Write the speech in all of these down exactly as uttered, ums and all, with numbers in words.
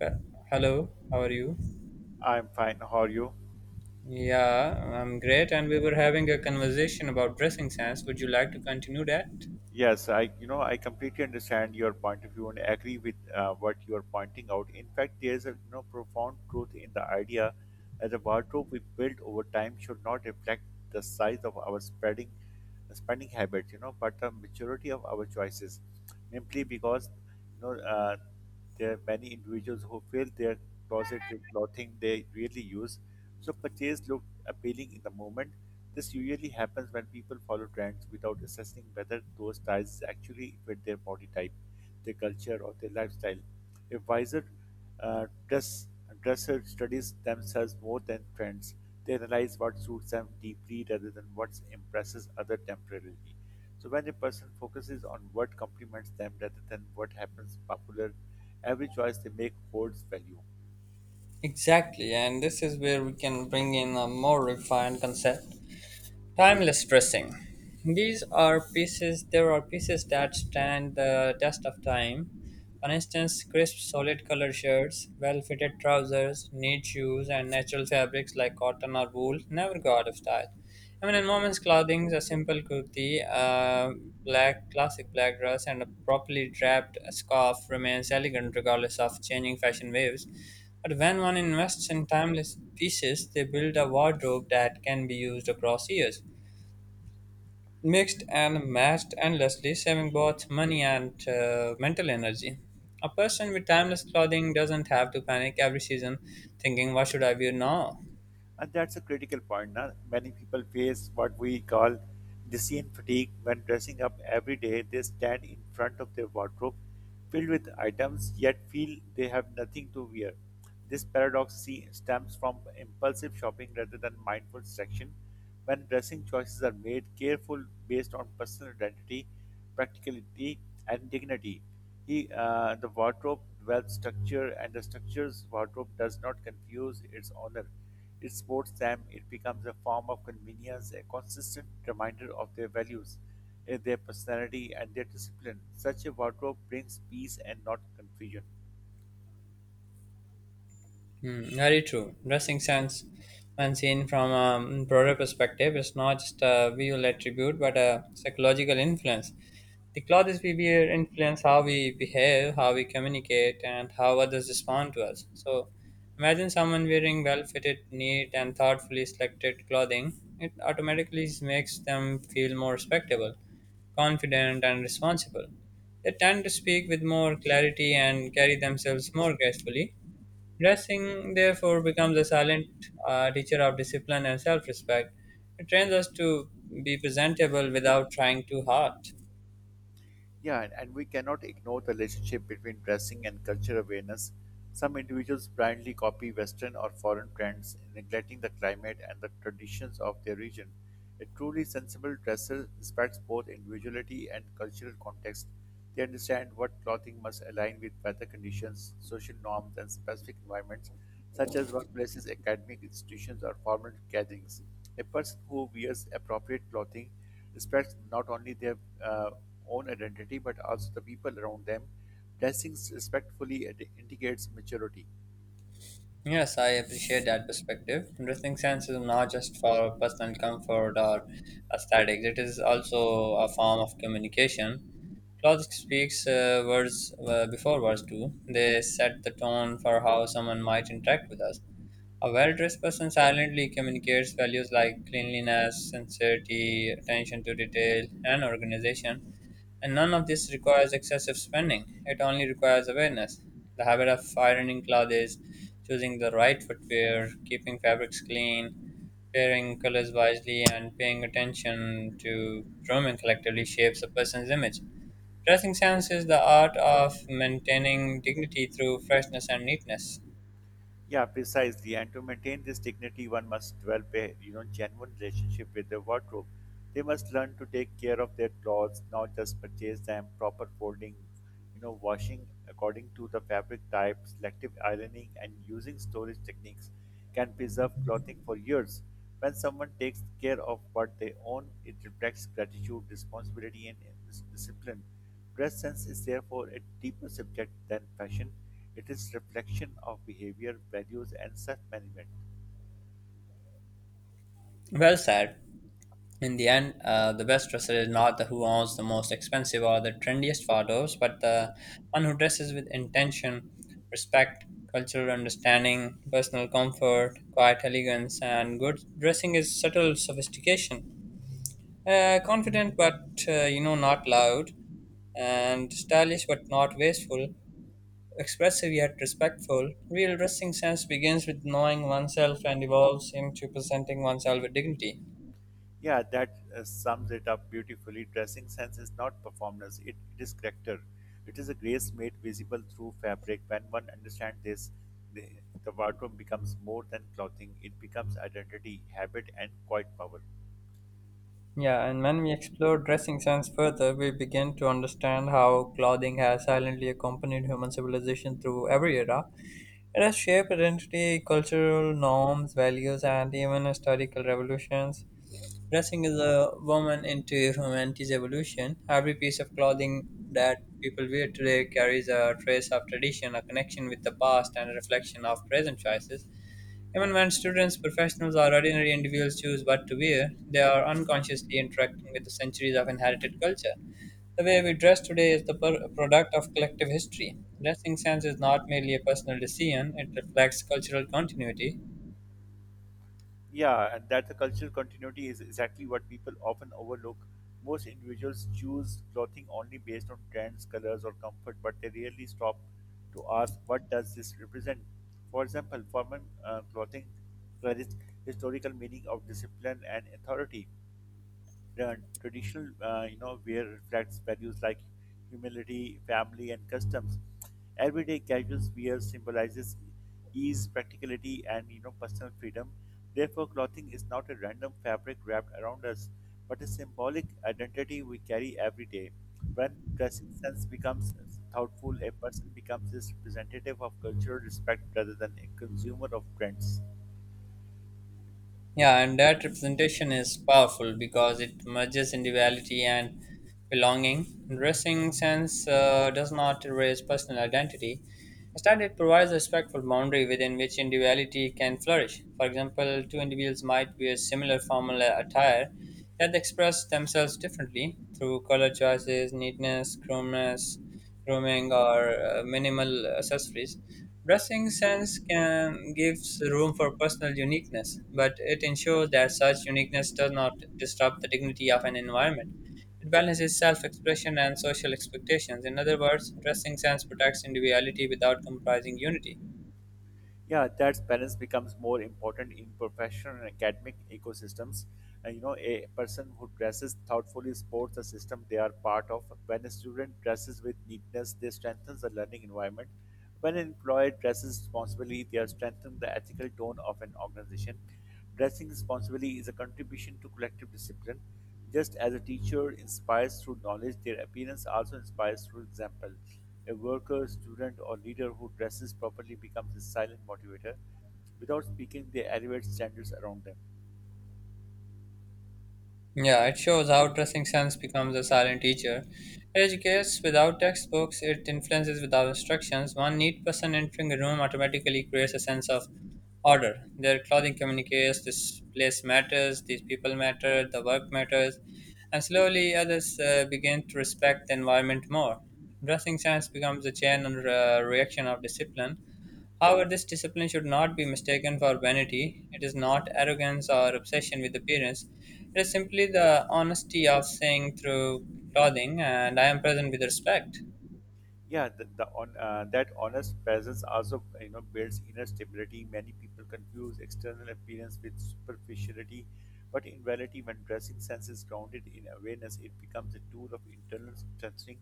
Uh, Hello, how are you? I'm fine. How are you? Yeah, I'm great. And we were having a conversation about dressing sense. Would you like to continue that? Yes, I, you know, I completely understand your point of view and agree with uh, what you are pointing out. In fact, there is a, you know, profound truth in the idea that the wardrobe we build over time should not reflect the size of our spreading. Spending habits, you know, but the maturity of our choices, simply because you know uh, there are many individuals who fill their closet with clothing they really use. So purchase looked appealing in the moment. This usually happens when people follow trends without assessing whether those styles actually fit their body type, their culture, or their lifestyle. A wiser uh, dress, dresser studies themselves more than trends. They analyze what suits them deeply rather than what impresses others temporarily. So when a person focuses on what complements them rather than what happens popular, every choice they make holds value. Exactly, and this is where we can bring in a more refined concept: timeless dressing. These are pieces. There are pieces that stand the test of time. For instance, crisp, solid color shirts, well-fitted trousers, neat shoes, and natural fabrics like cotton or wool never go out of style. I mean, in women's clothing, a simple kurti, a black classic black dress, and a properly draped scarf remains elegant regardless of changing fashion waves. But when one invests in timeless pieces, they build a wardrobe that can be used across years, mixed and matched endlessly, saving both money and uh, mental energy. A person with timeless clothing doesn't have to panic every season thinking, "What should I wear now?" And that's a critical point. Now, many people face what we call decision fatigue when dressing up every day. They stand in front of their wardrobe filled with items yet feel they have nothing to wear. This paradox see- stems from impulsive shopping rather than mindful selection. When dressing choices are made careful based on personal identity, practicality, and dignity, he, uh, the wardrobe dwells structure, and the structure's wardrobe does not confuse its owner. It supports them. It becomes a form of convenience, a consistent reminder of their values, eh, their personality, and their discipline. Such a wardrobe brings peace and not confusion. Mm, very true. Dressing sense, when seen from a broader perspective, is not just a visual attribute but a psychological influence. The clothes we wear influence how we behave, how we communicate, and how others respond to us. So, imagine someone wearing well fitted, neat, and thoughtfully selected clothing. It automatically makes them feel more respectable, confident, and responsible. They tend to speak with more clarity and carry themselves more gracefully. Dressing, therefore, becomes a silent uh, teacher of discipline and self respect. It trains us to be presentable without trying too hard. Yeah, and, and we cannot ignore the relationship between dressing and culture awareness. Some individuals blindly copy Western or foreign trends, neglecting the climate and the traditions of their region. A truly sensible dresser respects both individuality and cultural context. They understand what clothing must align with weather conditions, social norms, and specific environments, such as workplaces, academic institutions, or formal gatherings. A person who wears appropriate clothing respects not only their uh, own identity but also the people around them. Dressing respectfully indicates maturity. Yes, I appreciate that perspective. Dressing sense is not just for personal comfort or aesthetics, it is also a form of communication. Clothes speaks uh, words uh, before words do. They set the tone for how someone might interact with us. A well dressed person silently communicates values like cleanliness, sincerity, attention to detail, and organization, and none of this requires excessive spending. It only requires awareness. The habit of ironing clothes, choosing the right footwear, keeping fabrics clean, pairing colors wisely, and paying attention to grooming collectively shapes a person's image. Dressing sense is the art of maintaining dignity through freshness and neatness. Yeah, precisely. And to maintain this dignity, one must develop a you know genuine relationship with their wardrobe. They must learn to take care of their clothes, not just purchase them. Proper folding, you know, washing according to the fabric type, selective ironing, and using storage techniques can preserve clothing for years. When someone takes care of what they own, it reflects gratitude, responsibility, and dis- discipline. Dress sense is therefore a deeper subject than fashion. It is reflection of behavior, values, and self-management. Well said. In the end, uh, the best dresser is not the who owns the most expensive or the trendiest photos, but the one who dresses with intention, respect, cultural understanding, personal comfort, quiet elegance, and good dressing is subtle sophistication. Uh, confident but uh, you know not loud, and stylish but not wasteful, expressive yet respectful. Real dressing sense begins with knowing oneself and evolves into presenting oneself with dignity. Yeah, that uh, sums it up beautifully. Dressing sense is not performance; it, it is character. It is a grace made visible through fabric. When one understands this, the, the wardrobe becomes more than clothing. It becomes identity, habit, and quiet power. Yeah, and when we explore dressing sense further, we begin to understand how clothing has silently accompanied human civilization through every era. It has shaped identity, cultural norms, values, and even historical revolutions. Dressing is a woman into humanity's evolution. Every piece of clothing that people wear today carries a trace of tradition, a connection with the past, and a reflection of present choices. Even when students, professionals, or ordinary individuals choose what to wear, they are unconsciously interacting with the centuries of inherited culture. The way we dress today is the per- product of collective history. Dressing sense is not merely a personal decision, it reflects cultural continuity. Yeah, and that the cultural continuity is exactly what people often overlook. Most individuals choose clothing only based on trends, colors, or comfort, but they rarely stop to ask what does this represent. For example, formal uh, clothing carries historical meaning of discipline and authority, uh, traditional, uh, you know, wear reflects values like humility, family, and customs. Everyday casual wear symbolizes ease, practicality, and you know, personal freedom. Therefore, clothing is not a random fabric wrapped around us, but a symbolic identity we carry every day. When dressing sense becomes thoughtful, a person becomes this representative of cultural respect rather than a consumer of trends. Yeah, and that representation is powerful because it merges individuality and belonging. Dressing sense uh, does not erase personal identity. Instead, it provides a respectful boundary within which individuality can flourish. For example, two individuals might wear similar formal attire, yet they express themselves differently through color choices, neatness, chromness, grooming, or uh, minimal accessories. Dressing sense can gives room for personal uniqueness, but it ensures that such uniqueness does not disrupt the dignity of an environment. It balances self expression and social expectations. In other words, dressing sense protects individuality without compromising unity. Yeah, that balance becomes more important in professional and academic ecosystems, and you know a person who dresses thoughtfully supports the system they are part of. When a student dresses with neatness, they strengthen the learning environment. When an employer dresses responsibly, they are strengthening the ethical tone of an organization. Dressing responsibly is a contribution to collective discipline. Just as a teacher inspires through knowledge, their appearance also inspires through example. A worker, student, or leader who dresses properly becomes a silent motivator. Without speaking, they elevate standards around them. Yeah, it shows how dressing sense becomes a silent teacher. It educates without textbooks, it influences without instructions. One neat person entering a room automatically creates a sense of order. Their clothing communicates this place matters, these people matter, the work matters, and slowly others uh, begin to respect the environment more. Dressing sense becomes a chain and uh, reaction of discipline. However, this discipline should not be mistaken for vanity. It is not arrogance or obsession with appearance. It is simply the honesty of saying through clothing, and I am present with respect. Yeah, the, the on uh, that honest presence also you know builds inner stability. Many people confuse external appearance with superficiality, but in reality, when dressing sense is grounded in awareness, it becomes a tool of internal strengthening.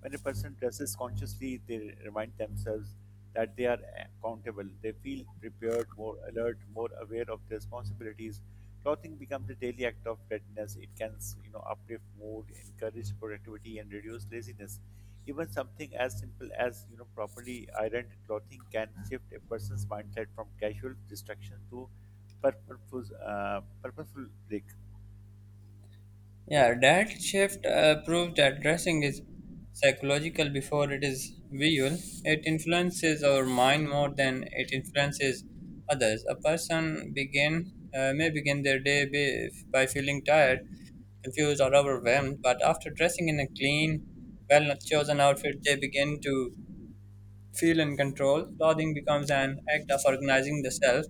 When a person dresses consciously, they remind themselves that they are accountable. They feel prepared, more alert, more aware of their responsibilities. Clothing becomes a daily act of readiness. It can you know uplift mood, encourage productivity, and reduce laziness. Even something as simple as you know properly ironed clothing can shift a person's mindset from casual distraction to purposeful, uh, purposeful break. Yeah, that shift uh, proved that dressing is psychological before it is visual. It influences our mind more than it influences others. A person begin uh, may begin their day be, by feeling tired, confused, or overwhelmed, but after dressing in a clean, well chosen outfit, they begin to feel in control. Clothing becomes an act of organizing the self.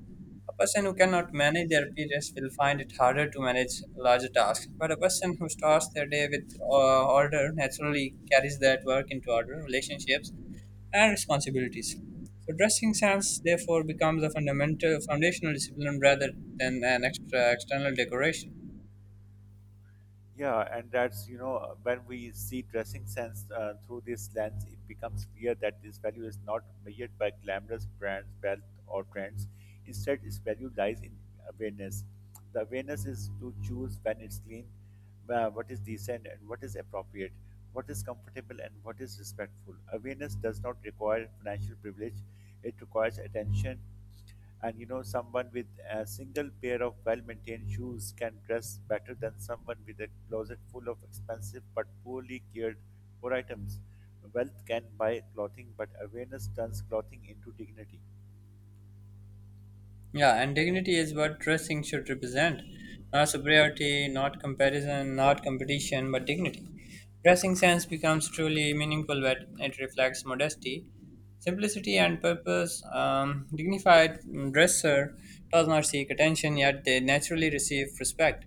A person who cannot manage their periods will find it harder to manage larger tasks, but a person who starts their day with uh, order naturally carries that work into order, relationships, and responsibilities. So, dressing sense therefore becomes a fundamental, foundational discipline rather than an extra external decoration. Yeah, and that's, you know, uh, when we see dressing sense uh, through this lens, it becomes clear that this value is not measured by glamorous brands, wealth, or trends. Instead, its value lies in awareness. The awareness is to choose when it's clean, uh, what is decent, and what is appropriate, what is comfortable, and what is respectful. Awareness does not require financial privilege, it requires attention, and you know someone with a single pair of well-maintained shoes can dress better than someone with a closet full of expensive but poorly cared for items. Wealth can buy clothing, but awareness turns clothing into dignity. Yeah, and dignity is what dressing should represent. Not superiority, not comparison, not competition, but dignity. Dressing sense becomes truly meaningful when it reflects modesty, simplicity, and purpose. Um, dignified dresser does not seek attention, yet they naturally receive respect.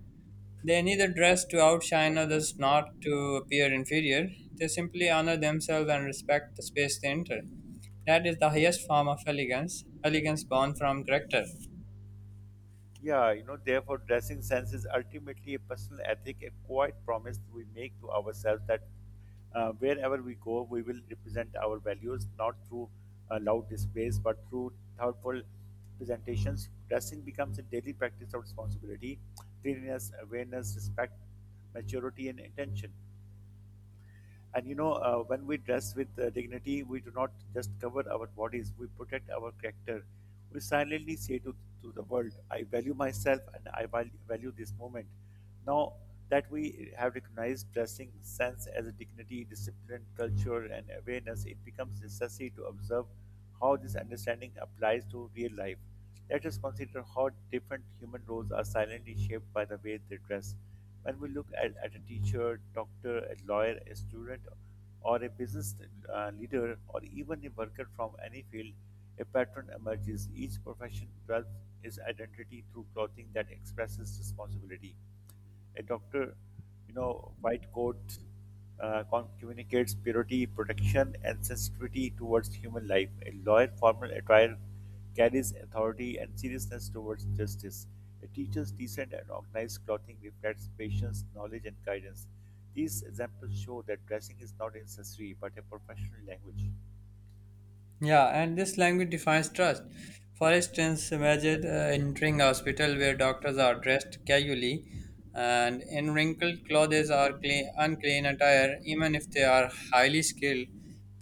They neither dress to outshine others, not to appear inferior. They simply honor themselves and respect the space they enter. That is the highest form of elegance, elegance born from character. Yeah, you know, therefore, dressing sense is ultimately a personal ethic, a quiet promise we make to ourselves that uh, wherever we go, we will represent our values not through uh, loud displays but through thoughtful presentations. Dressing becomes a daily practice of responsibility, cleanliness, awareness, respect, maturity, and intention. And you know, uh, when we dress with uh, dignity, we do not just cover our bodies, we protect our character. We silently say to, to the world, I value myself and I val- value this moment. Now that we have recognized dressing sense as a dignity, discipline, culture, and awareness, it becomes necessary to observe how this understanding applies to real life. Let us consider how different human roles are silently shaped by the way they dress. When we look at, at a teacher, doctor, a lawyer, a student, or a business uh, leader, or even a worker from any field, a pattern emerges. Each profession develops its identity through clothing that expresses responsibility. A doctor, you know, white coat uh, con- communicates purity, protection, and sensitivity towards human life. A lawyer, formal attire carries authority and seriousness towards justice. A teacher's decent and organized clothing reflects patience, knowledge, and guidance. These examples show that dressing is not accessory but a professional language. Yeah, and this language defines trust. For instance, imagine uh, entering a hospital where doctors are dressed casually and in wrinkled clothes or clean, unclean attire, even if they are highly skilled,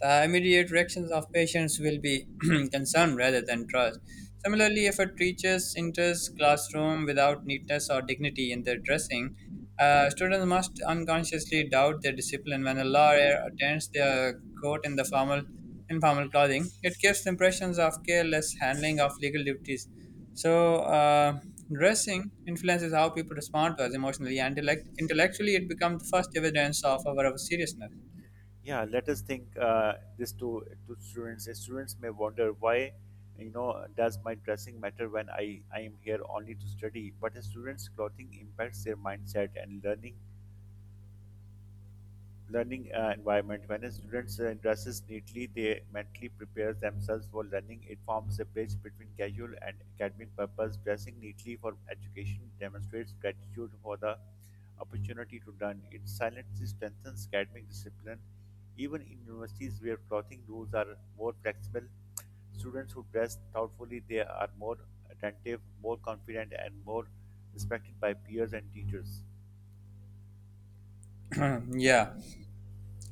the immediate reactions of patients will be concern rather than trust. Similarly, if a teacher enters classroom without neatness or dignity in their dressing, uh, students must unconsciously doubt their discipline. When a lawyer attends their court in the formal informal clothing, it gives the impressions of careless handling of legal duties. So, uh, dressing influences how people respond to us emotionally and intellect- intellectually. It becomes the first evidence of our, our seriousness. Yeah, let us think uh, this to, to students. Uh, Students may wonder why, you know, does my dressing matter when I, I am here only to study? But a student's clothing impacts their mindset and learning learning uh, environment. When a student uh, dresses neatly, they mentally prepare themselves for learning. It forms a bridge between casual and academic purpose. Dressing neatly for education demonstrates gratitude for the opportunity to learn. It silently strengthens academic discipline. Even in universities where clothing rules are more flexible, students who dress thoughtfully, they are more attentive, more confident, and more respected by peers and teachers. Yeah.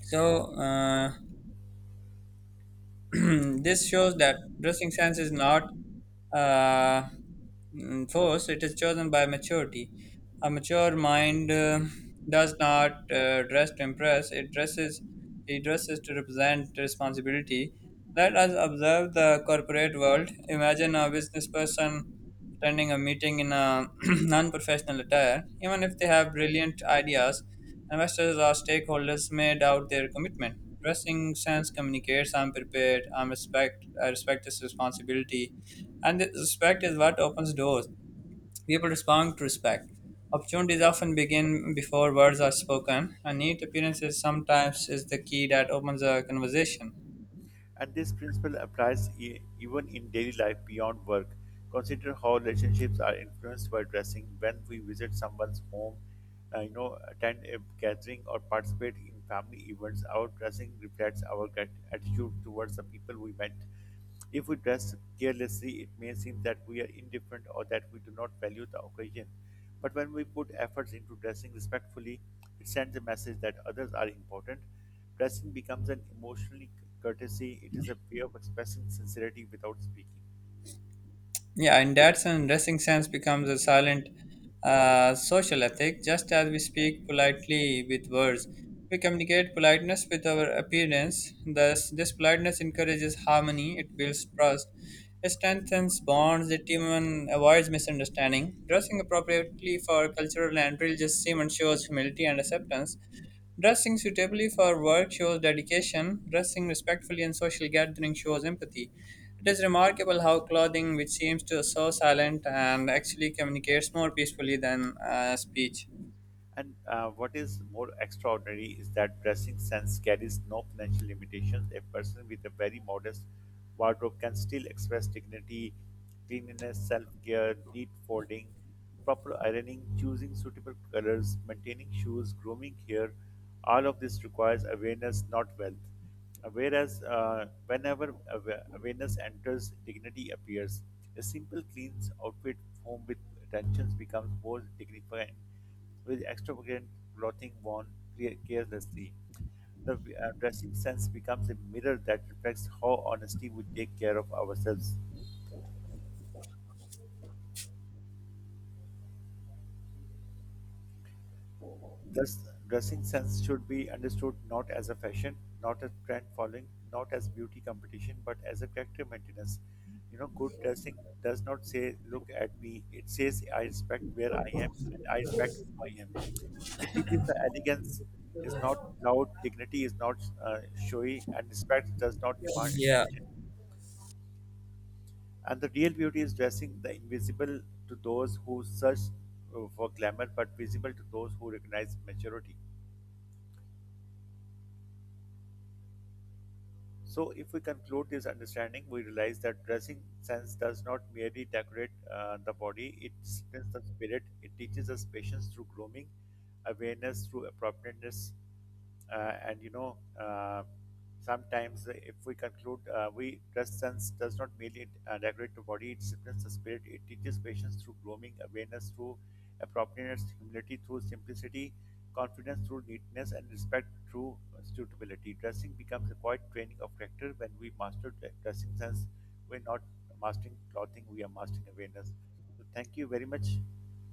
So, uh, this shows that dressing sense is not uh, mm, forced, it is chosen by maturity. A mature mind uh, does not uh, dress to impress, it dresses, it dresses to represent responsibility. Let us observe the corporate world. Imagine a business person attending a meeting in a non-professional attire, even if they have brilliant ideas, investors or stakeholders may doubt their commitment. Dressing sense communicates I'm prepared, I'm respect, I respect this responsibility, and this respect is what opens doors. People respond to respect. Opportunities often begin before words are spoken. A neat appearance is sometimes is the key that opens a conversation. And this principle applies e- even in daily life beyond work. Consider how relationships are influenced by dressing. When we visit someone's home, uh, you know, attend a gathering or participate in family events, our dressing reflects our grat- attitude towards the people we met. If we dress carelessly, it may seem that we are indifferent or that we do not value the occasion. But when we put efforts into dressing respectfully, it sends a message that others are important. Dressing becomes an emotional courtesy, it is a way of expressing sincerity without speaking. Yeah, in that sense, dressing sense becomes a silent uh, social ethic. Just as we speak politely with words, we communicate politeness with our appearance. Thus, this politeness encourages harmony, it builds trust, it strengthens bonds, it even avoids misunderstanding. Dressing appropriately for cultural and religious ceremonies shows humility and acceptance. Dressing suitably for work shows dedication, dressing respectfully in social gatherings shows empathy. It is remarkable how clothing, which seems to so silent, and actually communicates more peacefully than uh, speech. And uh, what is more extraordinary is that dressing sense carries no financial limitations. A person with a very modest wardrobe can still express dignity, cleanliness, self care, neat folding, proper ironing, choosing suitable colors, maintaining shoes, grooming hair. All of this requires awareness, not wealth. Whereas, uh, whenever awa- awareness enters, dignity appears. A simple, clean outfit, home with attentions, becomes more dignified with extravagant clothing worn care- carelessly. The uh, dressing sense becomes a mirror that reflects how honestly we take care of ourselves. Thus, dressing sense should be understood not as a fashion, not as trend following, not as beauty competition, but as a character maintenance. You know, good dressing does not say, look at me. It says, I respect where I am and I respect who I am. It teaches that elegance is not loud, dignity is not uh, showy, and respect does not demand attention. And the real beauty is dressing the invisible to those who search uh, for glamour, but visible to those who recognize maturity. So, if we conclude this understanding, we realize that dressing sense does not merely decorate uh, the body, it strengthens the spirit, it teaches us patience through grooming, awareness through appropriateness, uh, and you know, uh, sometimes if we conclude, uh, we dress sense does not merely uh, decorate the body, it strengthens the spirit, it teaches patience through grooming, awareness through appropriateness, humility through simplicity, confidence through neatness, and respect through suitability. Dressing becomes a quiet training of character. When we master dressing sense, we're not mastering clothing, we are mastering awareness. So, thank you very much.